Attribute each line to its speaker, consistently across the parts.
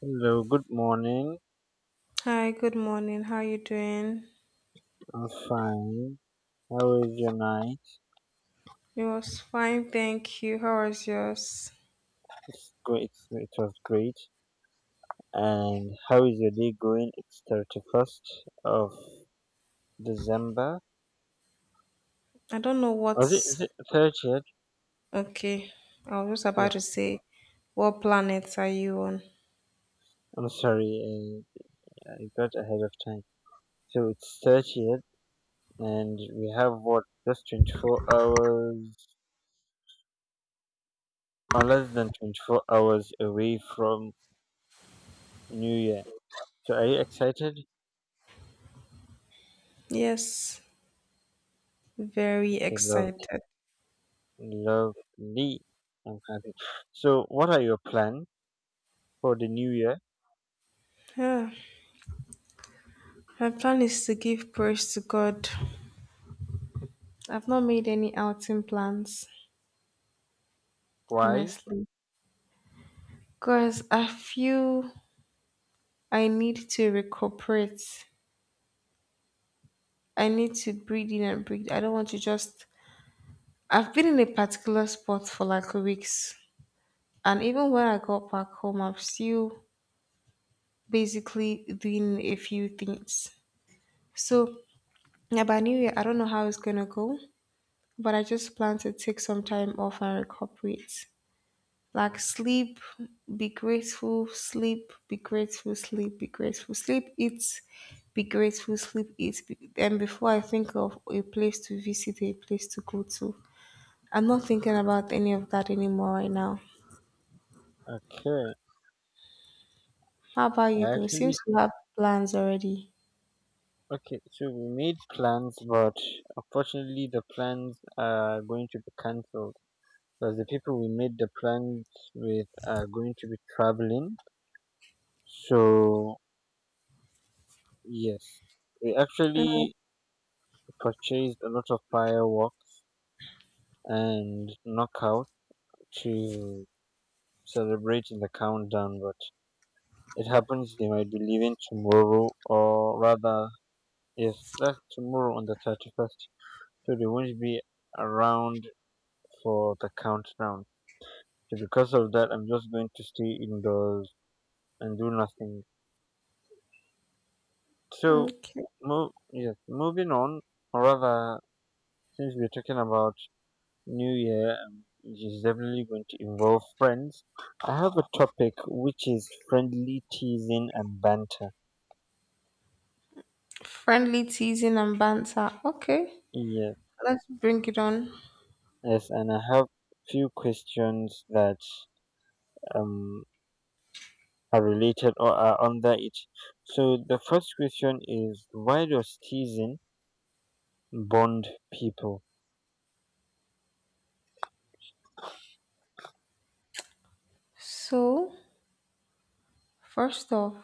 Speaker 1: Hello, good morning.
Speaker 2: Hi, good morning. How you doing?
Speaker 1: I'm fine. How is your night?
Speaker 2: It was fine, thank you. How was yours?
Speaker 1: It's great. It was great. And how is your day going? It's 31st of December.
Speaker 2: I don't know
Speaker 1: Was it? Is
Speaker 2: what's...
Speaker 1: it 30th?
Speaker 2: okay. I was just
Speaker 1: Yeah.
Speaker 2: about to say, what planet are you on?
Speaker 1: I'm sorry. I got ahead of time. So it's 30th, and we have what? Just 24 hours, or less than 24 hours away from New Year. So are you excited?
Speaker 2: Yes, very
Speaker 1: Okay, love.
Speaker 2: excited.
Speaker 1: Lovely. I'm happy. So, what are your plans for the new year?
Speaker 2: Yeah, my plan is to give praise to God. I've not made any outing plans,
Speaker 1: Why?
Speaker 2: honestly, because I feel I need to recuperate. I need to breathe in and breathe. I don't want to just. I've been in a particular spot for like weeks. And even when I got back home, I'm still basically doing a few things. So, yeah, by New Year, I don't know how it's gonna go, but I just plan to take some time off and recuperate. Like, sleep, be grateful, sleep, be grateful, sleep, be grateful, sleep, eat, be grateful, sleep, eat. And before I think of a place to visit, a place to go to, I'm not thinking about any of that anymore right now.
Speaker 1: Okay.
Speaker 2: How about you,
Speaker 1: I
Speaker 2: though?
Speaker 1: actually,
Speaker 2: Seems you have plans already.
Speaker 1: okay. So, we made plans, but unfortunately, the plans are going to be cancelled because the people we made the plans with are going to be traveling. So, yes. We
Speaker 2: Mm.
Speaker 1: actually purchased a lot of fireworks and knockout to celebrate in the countdown, but it happens they might be leaving tomorrow, or rather, yes, that's tomorrow on the 31st, so they won't be around for the countdown. So, because of that, I'm just going to stay indoors and do nothing. So,
Speaker 2: Okay.
Speaker 1: yes, moving on, or rather, since we're talking about New Year, which is definitely going to involve friends, I have a topic which is friendly teasing and banter.
Speaker 2: Friendly teasing and banter. Okay,
Speaker 1: Yes.
Speaker 2: let's bring it on.
Speaker 1: Yes, and I have few questions that um, are related or are under it. So the first question is why does teasing bond people?
Speaker 2: So, first off,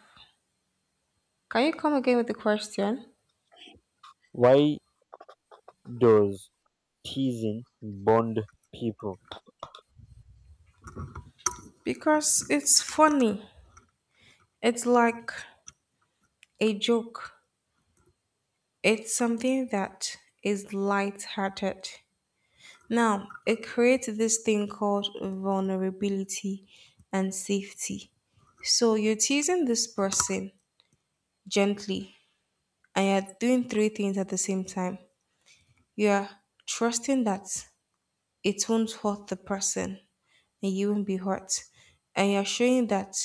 Speaker 2: can you come again with the question?
Speaker 1: Why does teasing bond people?
Speaker 2: Because it's funny. It's like a joke. It's something that is light-hearted. Now, it creates this thing called vulnerability and safety. So you're teasing this person gently and you're doing three things at the same time. You're trusting that it won't hurt the person and you won't be hurt. And you're showing that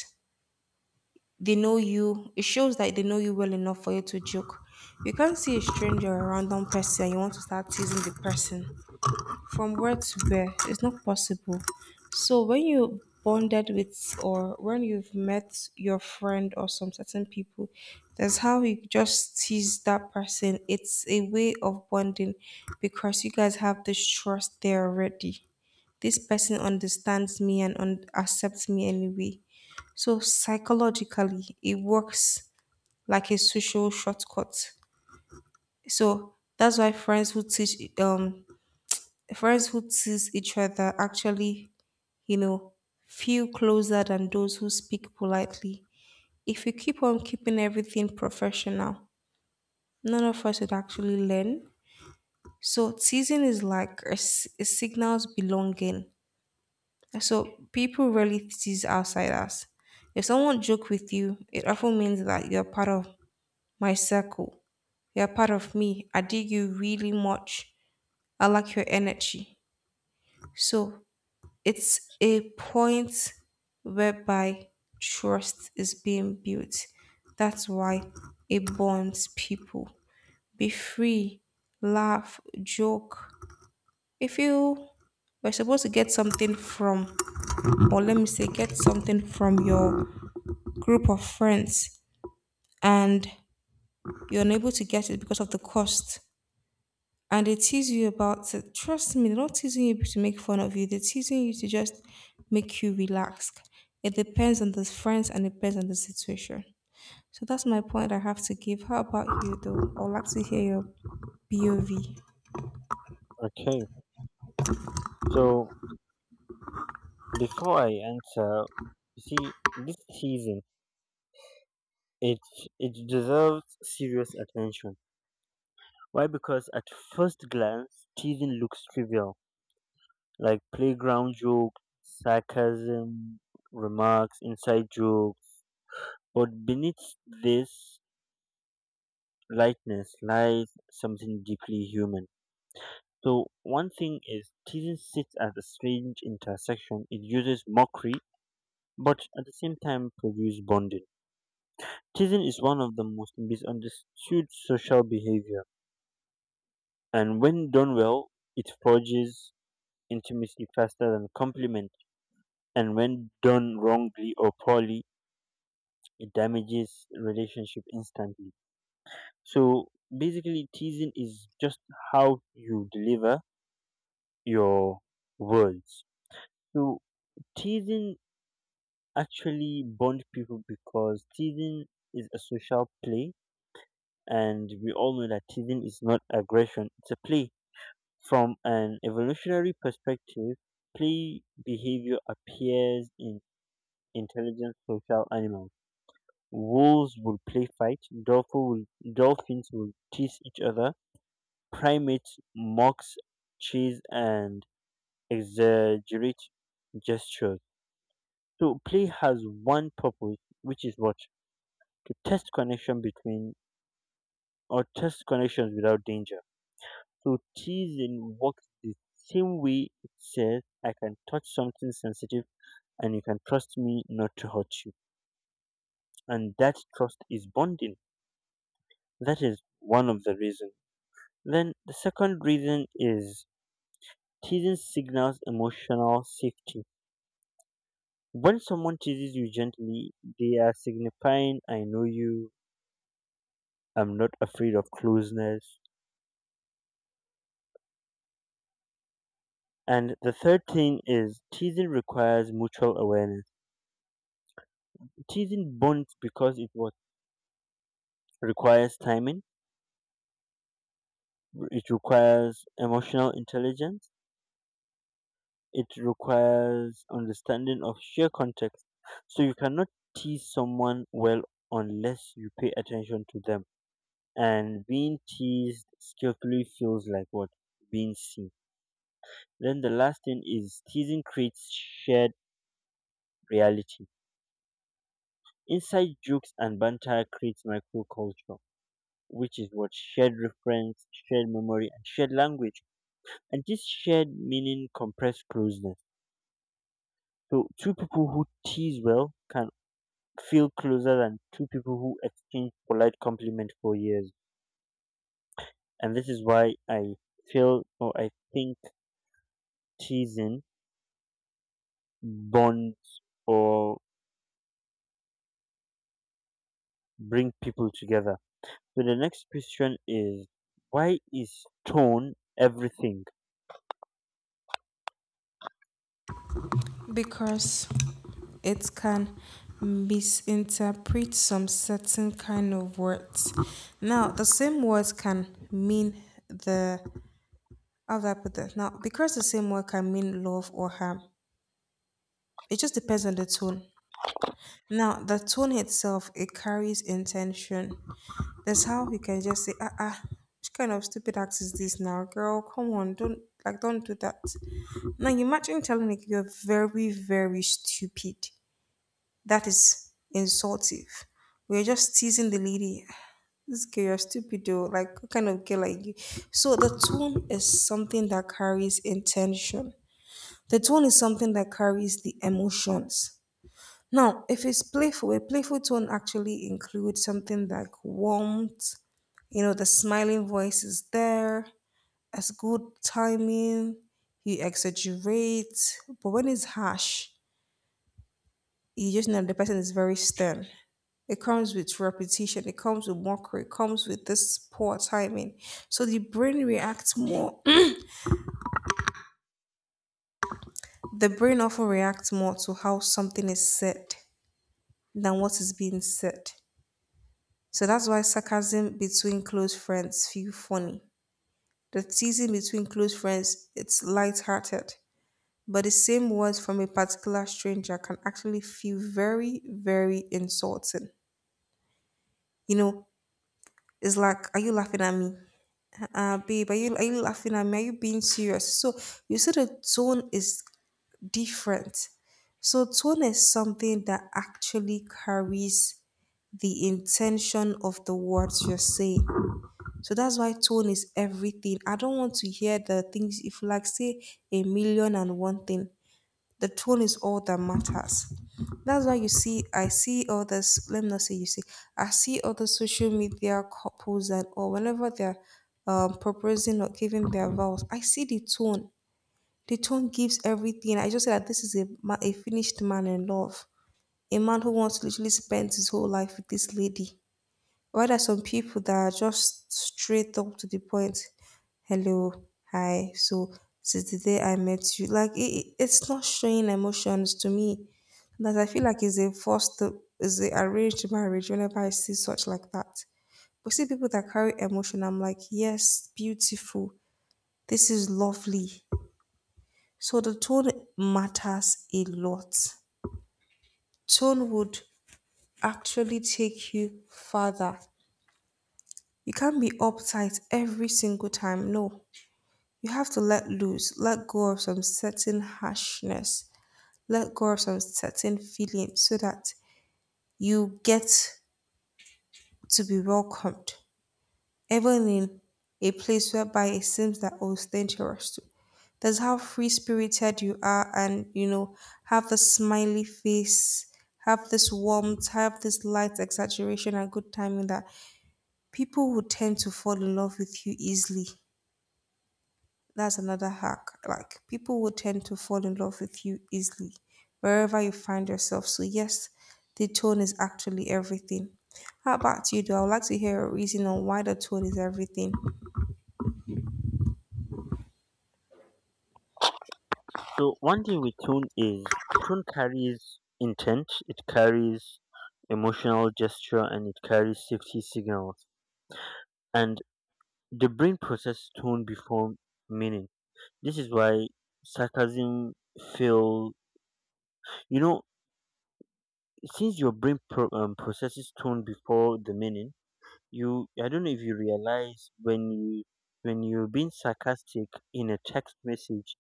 Speaker 2: they know you, it shows that they know you well enough for you to joke. You can't see a stranger or a random person and you want to start teasing the person from where to where. It's not possible. So when you bonded with or when you've met your friend or some certain people, that's how you just tease that person. It's a way of bonding because you guys have this trust there already. This person understands me and accepts me anyway. So psychologically, it works like a social shortcut. So that's why friends who tease each other actually, you know, feel closer than those who speak politely. If we keep on keeping everything professional, none of us would actually learn. So teasing is like it signals belonging. So people rarely sees outside us. If someone joke with you, it often means that you're part of my circle. You're part of me. I dig you really much. I like your energy. So it's a point whereby trust is being built. That's why it bonds people. Be free, laugh, joke. If you were supposed to get something from, or let me say, get something from your group of friends and you're unable to get it because of the cost and they tease you about it. Trust me, they're not teasing you to make fun of you, they're teasing you to just make you relax. It depends on the friends and it depends on the situation. So that's my point I have to give. How about you though? I would like to hear your POV
Speaker 1: Okay, so before I answer, you see this teasing it it deserves serious attention. Why? Because at first glance, teasing looks trivial, like playground jokes, sarcasm, remarks, inside jokes. But beneath this lightness lies something deeply human. So, one thing is, teasing sits at a strange intersection. It uses mockery, but at the same time produces bonding. Teasing is one of the most misunderstood social behavior, and when done well, it forges intimacy faster than compliment. And when done wrongly or poorly, it damages relationship instantly. So basically teasing is just how you deliver your words. So teasing actually bond people because teasing is a social play, and we all know that teasing is not aggression, it's a play. From an evolutionary perspective, play behavior appears in intelligent social animals. Wolves will play fight, dolphin will, dolphins will tease each other. Primates mocks cheese and exaggerate gestures. So play has one purpose, which is what? To test connection between, or test connections without danger. So teasing works the same way. It says, "I can touch something sensitive, and you can trust me not to hurt you." And that trust is bonding. That is one of the reasons. Then the second reason is teasing signals emotional safety. When someone teases you gently, they are signifying, I know you, I'm not afraid of closeness. And the third thing is, teasing requires mutual awareness. Teasing bonds because requires timing, it requires emotional intelligence, it requires understanding of sheer context. So you cannot tease someone well unless you pay attention to them. And being teased skillfully feels like what? Being seen. Then the last thing is teasing creates shared reality. Inside jokes and banter creates microculture, which is what? Shared reference, shared memory, and shared language. And this shared meaning compress closeness. So two people who tease well can feel closer than two people who exchange polite compliment for years. And this is why I feel or I think teasing bonds or bring people together. So the next question is, why is tone everything?
Speaker 2: because it can misinterpret some certain kind of words. Now, the same words can mean the how do I put that? Now, because the same word can mean love or harm, it just depends on the tone. Now, the tone itself, it carries intention. That's how you can just say, ah, ah, which kind of stupid act is this now, girl? Come on, don't, like, don't do that. Now, you imagine telling like you're very, very stupid. That is insultive. We're just teasing the lady. This girl, you're stupid, though. Like, what kind of girl like you? So, the tone is something that carries intention. The tone is something that carries the emotions. Now, if it's playful, a playful tone actually includes something like warmth, you know, the smiling voice is there, it's good timing, you exaggerate. But when it's harsh, you just know the person is very stern. It comes with repetition, it comes with mockery, it comes with this poor timing. So the brain reacts more, the brain often reacts more to how something is said than what is being said. So that's why sarcasm between close friends feel funny. The teasing between close friends, it's light-hearted. But the same words from a particular stranger can actually feel very, very insulting. You know, it's like, are you laughing at me? Babe, are you laughing at me? Are you being serious? So you see the tone is different. So tone is something that actually carries the intention of the words you're saying. So that's why tone is everything. I don't want to hear the things if you like say a million and one thing. The tone is all that matters. That's why you see, I see all this. Let me not say you see. I see all the social media couples and or whenever they're proposing or giving their vows. I see the tone. The tone gives everything. I just say that this is a a finished man in love, a man who wants to literally spend his whole life with this lady. Why there are some people that are just straight up to the point hello, hi, so since the day I met you, it's not showing emotions to me. That I feel like is a arranged marriage whenever I see such like that. But see people that carry emotion, I'm like, yes, beautiful. This is lovely. So the tone matters a lot. Tone would actually take you further. You can't be uptight every single time. No. You have to let loose, let go of some certain harshness, let go of some certain feelings so that you get to be welcomed, even in a place whereby it seems that oh, it's dangerous to. That's how free spirited you are, and you know, have the smiley face, have this warmth, have this light exaggeration and good timing that people will tend to fall in love with you easily. That's another hack. Like people will tend to fall in love with you easily wherever you find yourself. So yes, the tone is actually everything. How about you though? I would like to hear a reason on why the tone is everything.
Speaker 1: So one thing with tone is tone carries intent, it carries emotional gesture, and it carries safety signals. And the brain processes tone before meaning. This is why sarcasm feel, you know since your brain processes tone before the meaning. I don't know if you realize when you're being sarcastic in a text message,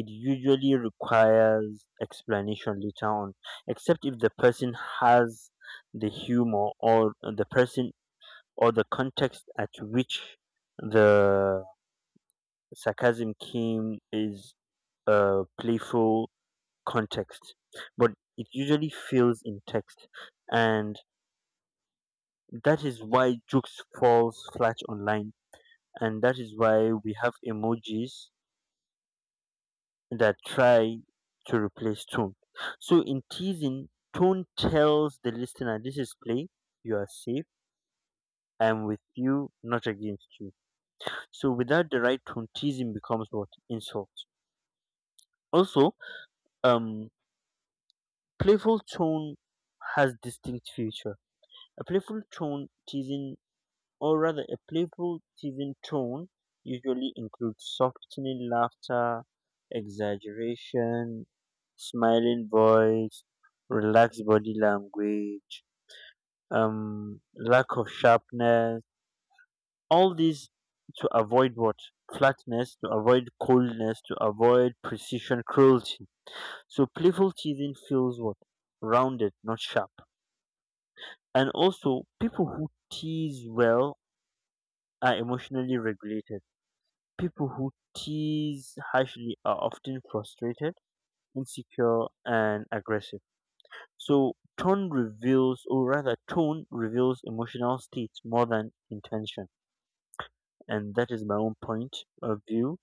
Speaker 1: it usually requires explanation later on, except if the person has the humor, or the person or the context at which the sarcasm came is a playful context. But it usually fails in text, and that is why jokes falls flat online, and that is why we have emojis that try to replace tone. So in teasing, tone tells the listener this is play, you are safe, I am with you, not against you. So without the right tone, teasing becomes what? Insult. Also, um playful tone has distinct feature. A playful tone teasing, or rather a playful teasing tone, usually includes softening laughter, exaggeration, smiling voice, relaxed body language, lack of sharpness, all these to avoid what? Flatness, to avoid coldness, to avoid precision cruelty. So playful teasing feels what? Rounded, not sharp. And also, people who tease well are emotionally regulated. People who tease harshly are often frustrated, insecure, and aggressive. So tone reveals, or rather, tone reveals emotional states more than intention. And that is my own point of view.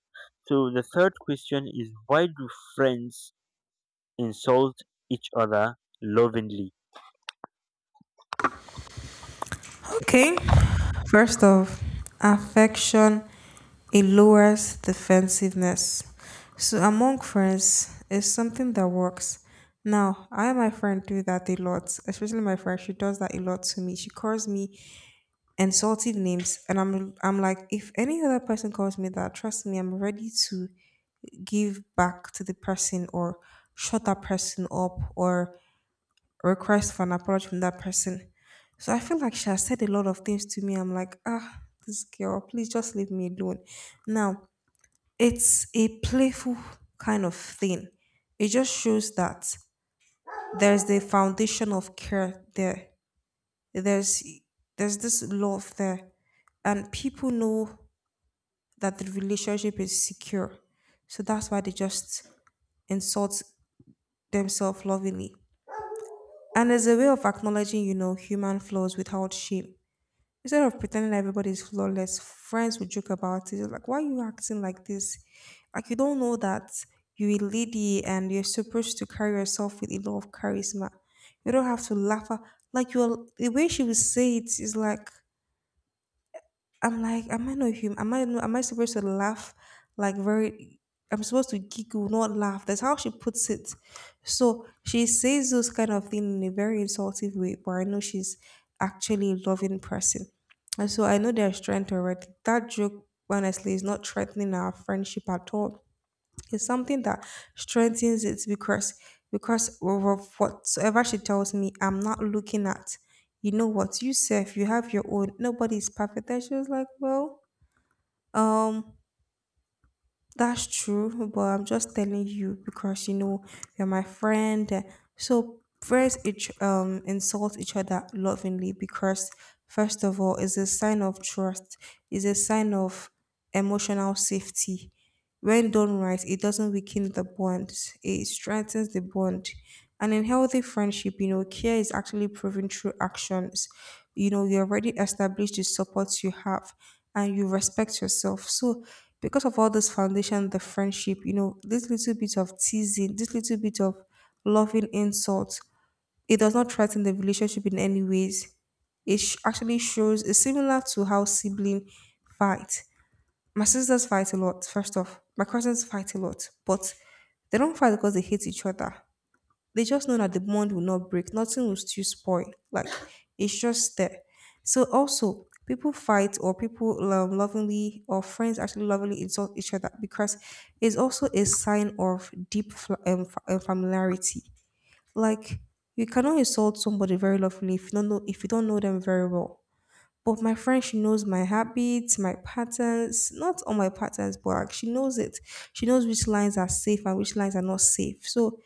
Speaker 1: So the third question is, why do friends insult each other lovingly?
Speaker 2: Okay. First off, affection it lowers defensiveness. So among friends it's something that works. Now, I and my friend do that a lot, especially my friend. She does that a lot to me. She calls me insultive names and I'm like if any other person calls me that trust me I'm ready to give back to the person or shut that person up or request for an apology from that person so I feel like she has said a lot of things to me I'm like ah this girl please just leave me alone now it's a playful kind of thing it just shows that there's the foundation of care there there's there's this love there and people know that the relationship is secure. So that's why they just insult themselves lovingly. And as a way of acknowledging, you know, human flaws without shame. Instead of pretending everybody is flawless, friends would joke about it. Like, why are you acting like this? Like, you don't know that you're a lady and you're supposed to carry yourself with a lot of charisma. You don't have to laugh. At- Like, the way she would say it is like, I'm like, am I not human? Am I no- Am I supposed to laugh like very? I'm supposed to giggle, not laugh. That's how she puts it. So she says those kind of things in a very insultive way, but I know she's actually a loving person. And so I know there's strength already. That joke, honestly, is not threatening our friendship at all. It's something that strengthens it because of whatsoever she tells me, I'm not looking at, you know what, you self, you have your own. Nobody's perfect. And she was like, well, um, that's true, but I'm just telling you because you know you're my friend. So each insult each other lovingly because first of all, it's a sign of trust. It's a sign of emotional safety. When done right, it doesn't weaken the bond. It strengthens the bond. And in healthy friendship, you know, care is actually proven through actions. You know, you already established the support you have and you respect yourself. So because of all this foundation, the friendship, you know, this little bit of teasing, this little bit of loving insult, it does not threaten the relationship in any ways. Actually shows it's similar to how sibling fight. My sisters fight a lot, first off. My cousins fight a lot, but they don't fight because they hate each other, they just know that the bond will not break, nothing will still spoil. Like it's just there. So also people fight or people lovingly or friends actually lovingly insult each other because it's also a sign of deep familiarity. Like you cannot insult somebody very lovingly if you don't know them very well. But my friend, she knows my habits, my patterns, not all my patterns, but like, she knows it. She knows which lines are safe and which lines are not safe. So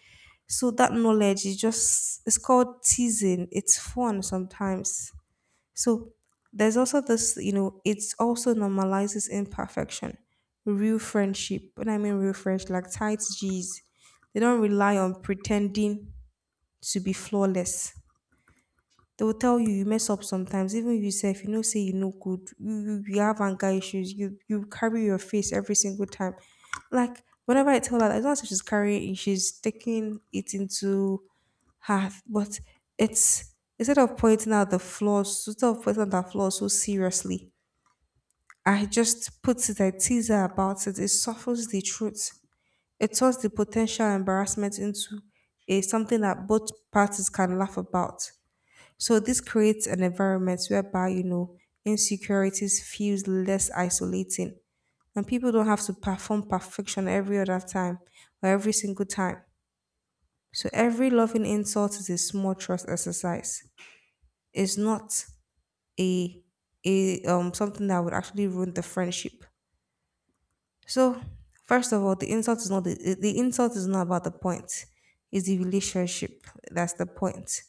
Speaker 2: so that knowledge is just it's called teasing. It's fun sometimes. So there's also this, it's also normalizes imperfection. Real friendship. When I mean real friendship, like tight G's, they don't rely on pretending to be flawless. They will tell you you mess up sometimes. Even you yourself, say you no good. You have anger issues. You carry your face every single time. Like whenever I tell her, that, it's not as if she's carrying. It, She's taking it into have but it's instead of pointing out the flaws so seriously. I just put it, I tease her about it. It softens the truth, it turns the potential embarrassment into a something that both parties can laugh about. So this creates an environment whereby insecurities feels less isolating, and people don't have to perform perfection every single time. So every loving insult is a small trust exercise, is not a a something that would actually ruin the friendship. So first of all, the insult is not the, the insult is not about the point. It's the relationship. That's the point.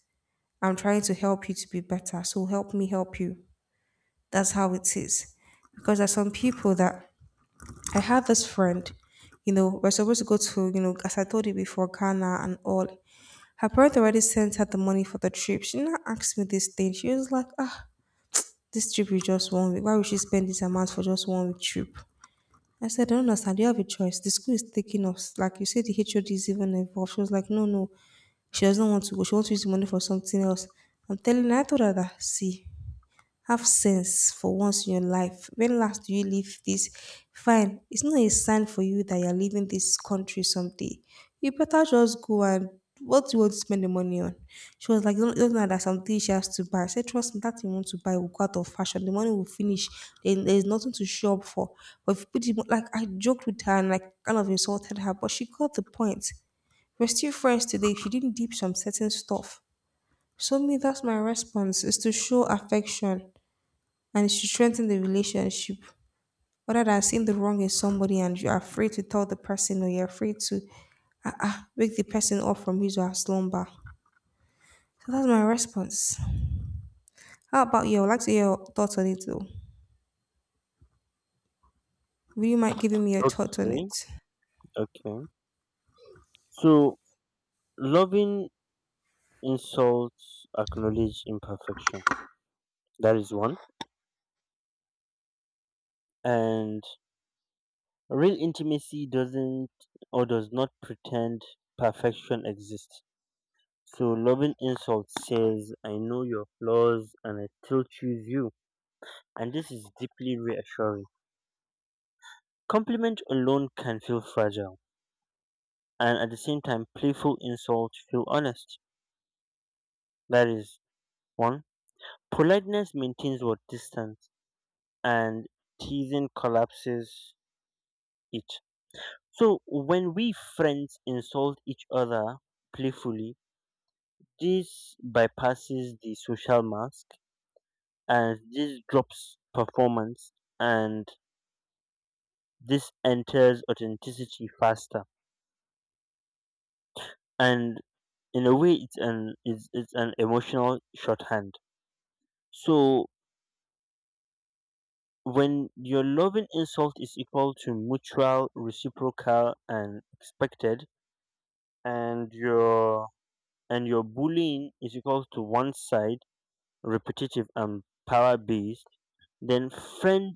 Speaker 2: I'm trying to help you to be better. So help me help you. That's how it is. Because there's some people that I had this friend, you know, we're supposed to go to, you know, as I told you before, Ghana and all. Her parents already sent her the money for the trip. She now asked me this thing. She was like, ah, this trip is just 1 week. Why would she spend this amount for just 1 week trip? I said, I don't understand. Do you have a choice? The school is taking us. Like you said, the HOD is even involved. She was like, no, no. She doesn't want to go. She wants to use the money for something else. I'm telling her, I told her that, see, have sense for once in your life. When last do you leave this? Fine, it's not a sign for you that you're leaving this country someday. You better just go and what do you want to spend the money on? She was like, don't know that something she has to buy. I said, trust me, that thing you want to buy will go out of fashion. The money will finish. Then there's nothing to show up for. But if you put the, mo- like, I joked with her and like kind of insulted her, but she got the point. We're still friends today. She didn't deep some certain stuff. So me, that's my response is to show affection, and it should strengthen the relationship rather than seeing the wrong in somebody and you're afraid to tell the person or you're afraid to wake the person up from his or her slumber. So that's my response. How about you? I would like to hear your thoughts on it though. Would you mind giving me your thoughts on
Speaker 1: Okay,
Speaker 2: it?
Speaker 1: okay. So loving insults acknowledge imperfection. That is one. And real intimacy doesn't, or does not pretend perfection exists. So loving insult says, I know your flaws and I still choose you. And this is deeply reassuring. Compliment alone can feel fragile. And at the same time, playful insults feel honest. That is one. Politeness maintains what? Distance. And teasing collapses it. So when we friends insult each other playfully, this bypasses the social mask, and this drops performance, and this enters authenticity faster. And in a way it's an it's an emotional shorthand. So when your loving insult is equal to mutual, reciprocal and expected, and your and your bullying is equal to one side, repetitive and power based, then friend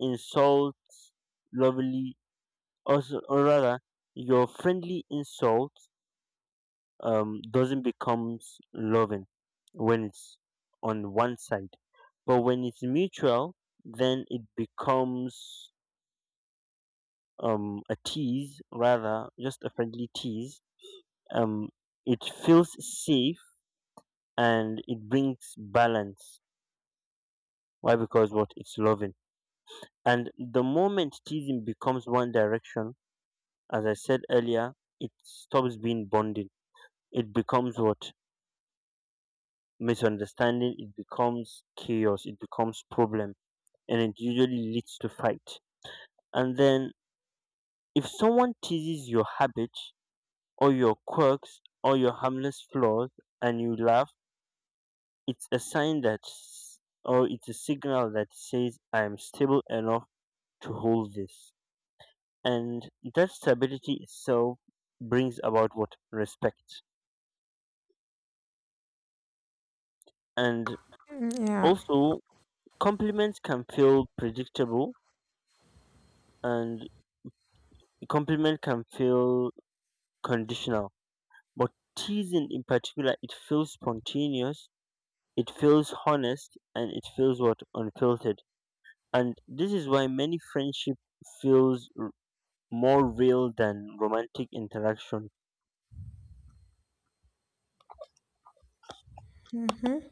Speaker 1: insults lovely, also or rather your friendly insult doesn't becomes loving when it's on one side, but when it's mutual, then it becomes a tease, rather just a friendly tease. um it feels safe, and it brings balance. Why? Because what? It's loving. And the moment teasing becomes one direction, as I said earlier, it stops being bonding. It becomes what? Misunderstanding. It becomes chaos. It becomes problem. And it usually leads to fight. And then if someone teases your habit or your quirks or your harmless flaws and you laugh, it's a sign that, or it's a signal that says, I am stable enough to hold this. And that stability itself brings about what? Respect. And
Speaker 2: Mm, yeah.
Speaker 1: also, compliments can feel predictable, and a compliment can feel conditional, but teasing in particular, it feels spontaneous, it feels honest, and it feels what? Unfiltered. And this is why many friendship feels more real than romantic interaction
Speaker 2: Mm-hmm.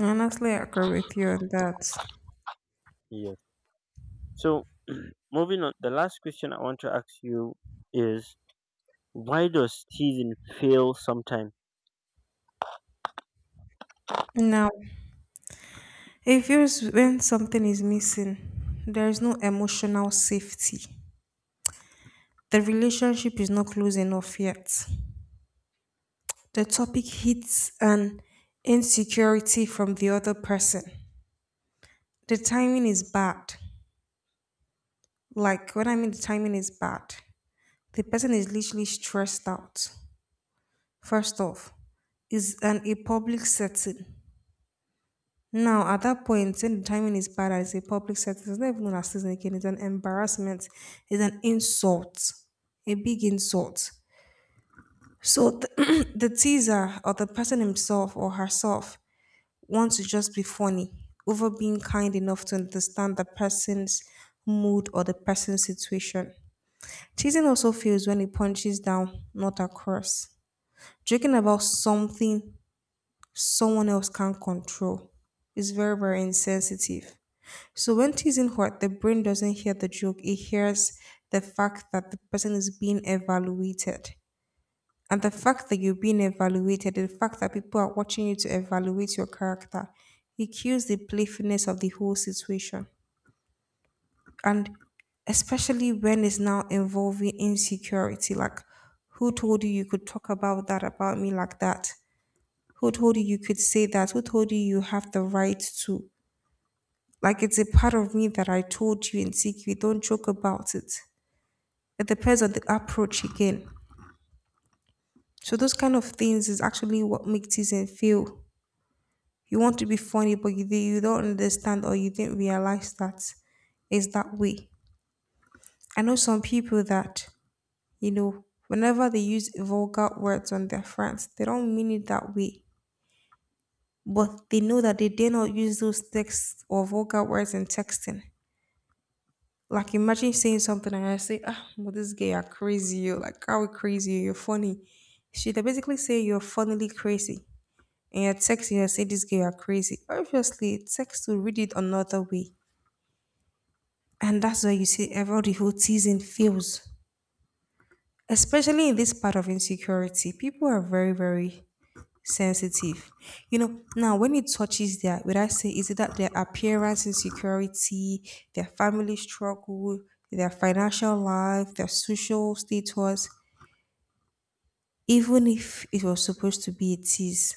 Speaker 2: Honestly, I agree with you on that.
Speaker 1: here. So moving on, the last question I want to ask you is, why does teasing fail sometimes?
Speaker 2: Now, it feels when something is missing, there is no emotional safety. The relationship is not close enough yet. The topic hits an insecurity from the other person. The timing is bad. Like, when I mean the timing is bad, the person is literally stressed out. First off, is an a public setting. Now, at that point, when the timing is bad, and it's a public setting. It's not even an assistant again. It's an embarrassment. It's an insult, a big insult. So the teaser or the person himself or herself want to just be funny over being kind enough to understand the person's mood or the person's situation. Teasing also fails when it punches down, not across. Joking about something someone else can't control is very, very insensitive. So when teasing hurt, the brain doesn't hear the joke, it hears the fact that the person is being evaluated. And the fact that you're being evaluated, the fact that people are watching you to evaluate your character, it kills the playfulness of the whole situation. And especially when it's now involving insecurity, like who told you you could talk about that about me like that? Who told you you could say that? Who told you you have the right to? Like it's a part of me that I told you in secret. Don't joke about it. It depends on the approach again. So those kind of things is actually what makes teasing feel you want to be funny, but you don't understand or you didn't realize that it's that way. I know some people that, you know, whenever they use vulgar words on their friends, they don't mean it that way. But they know that they dare not use those texts or vulgar words in texting. Like imagine saying something and I say, ah, well, this guy are crazy, you like how crazy, you're funny. She they basically say you're funnily crazy. And you're texting, you say this guy are crazy. Obviously, text will read it another way. And that's where you see everybody who teasing feels. Especially in this part of insecurity, people are very, very sensitive. You know, now when it touches their, would I say, is it that their appearance insecurity, their family struggle, their financial life, their social status, even if it was supposed to be a tease,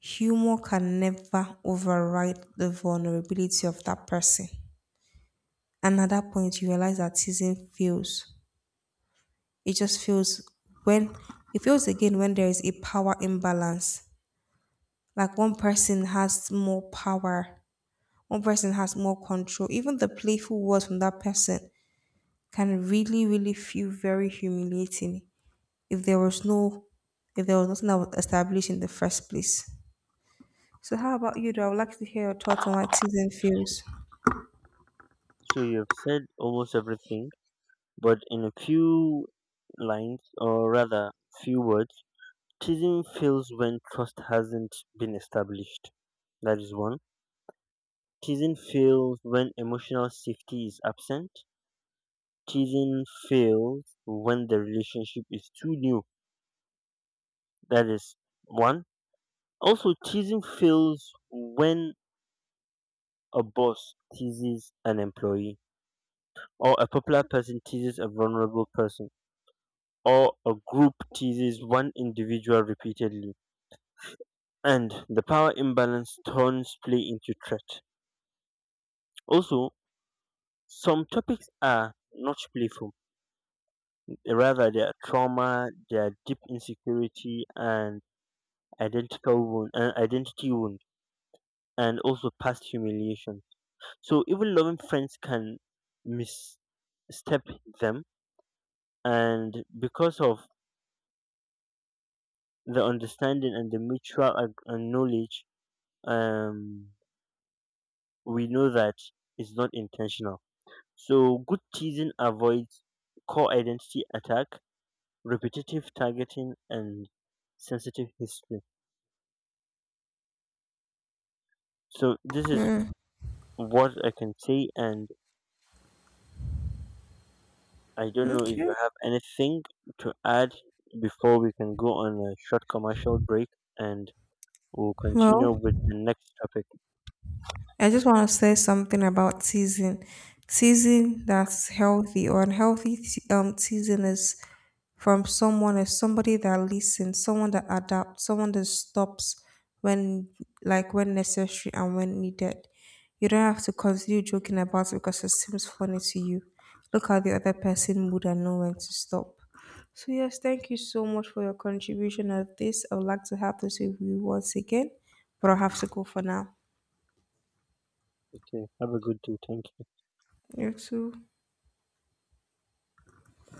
Speaker 2: humor can never override the vulnerability of that person. And at that point, you realize that teasing fails. It just feels when it feels again when there is a power imbalance. Like one person has more power, one person has more control. Even the playful words from that person can really, really feel very humiliating if there was no if there was nothing that was established in the first place. So how about you though? I would like to hear your thoughts on what season feels.
Speaker 1: So you've said almost everything. But in a few lines, or rather few words, teasing fails when trust hasn't been established. That is one. Teasing fails when emotional safety is absent. Teasing fails when the relationship is too new. That is one. Also, teasing fails when a boss teases an employee, or a popular person teases a vulnerable person, or a group teases one individual repeatedly, and the power imbalance turns play into threat. Also, some topics are not playful, rather they are trauma, they are deep insecurity and identical wound and identity wound and also past humiliation. So even loving friends can misstep them, and because of the understanding and the mutual knowledge, um, we know that it's not intentional. So good teasing avoids core identity attack, repetitive targeting, and sensitive history. So this is
Speaker 2: Mm,
Speaker 1: what I can say, and I don't know if
Speaker 2: okay.
Speaker 1: you have anything to add before we can go on a short commercial break, and we'll continue
Speaker 2: Well,
Speaker 1: with the next topic.
Speaker 2: I just want to say something about season. Season that's healthy or unhealthy season is from someone is somebody that listens, someone that adapts, someone that stops when like when necessary and when needed. You don't have to continue joking about it because it seems funny to you. Look at the other person mood and know when to stop. So yes, thank you so much for your contribution of this. I would like to have this with you once again, but I have to go for now.
Speaker 1: Okay, have a good day. Thank you.
Speaker 2: You too.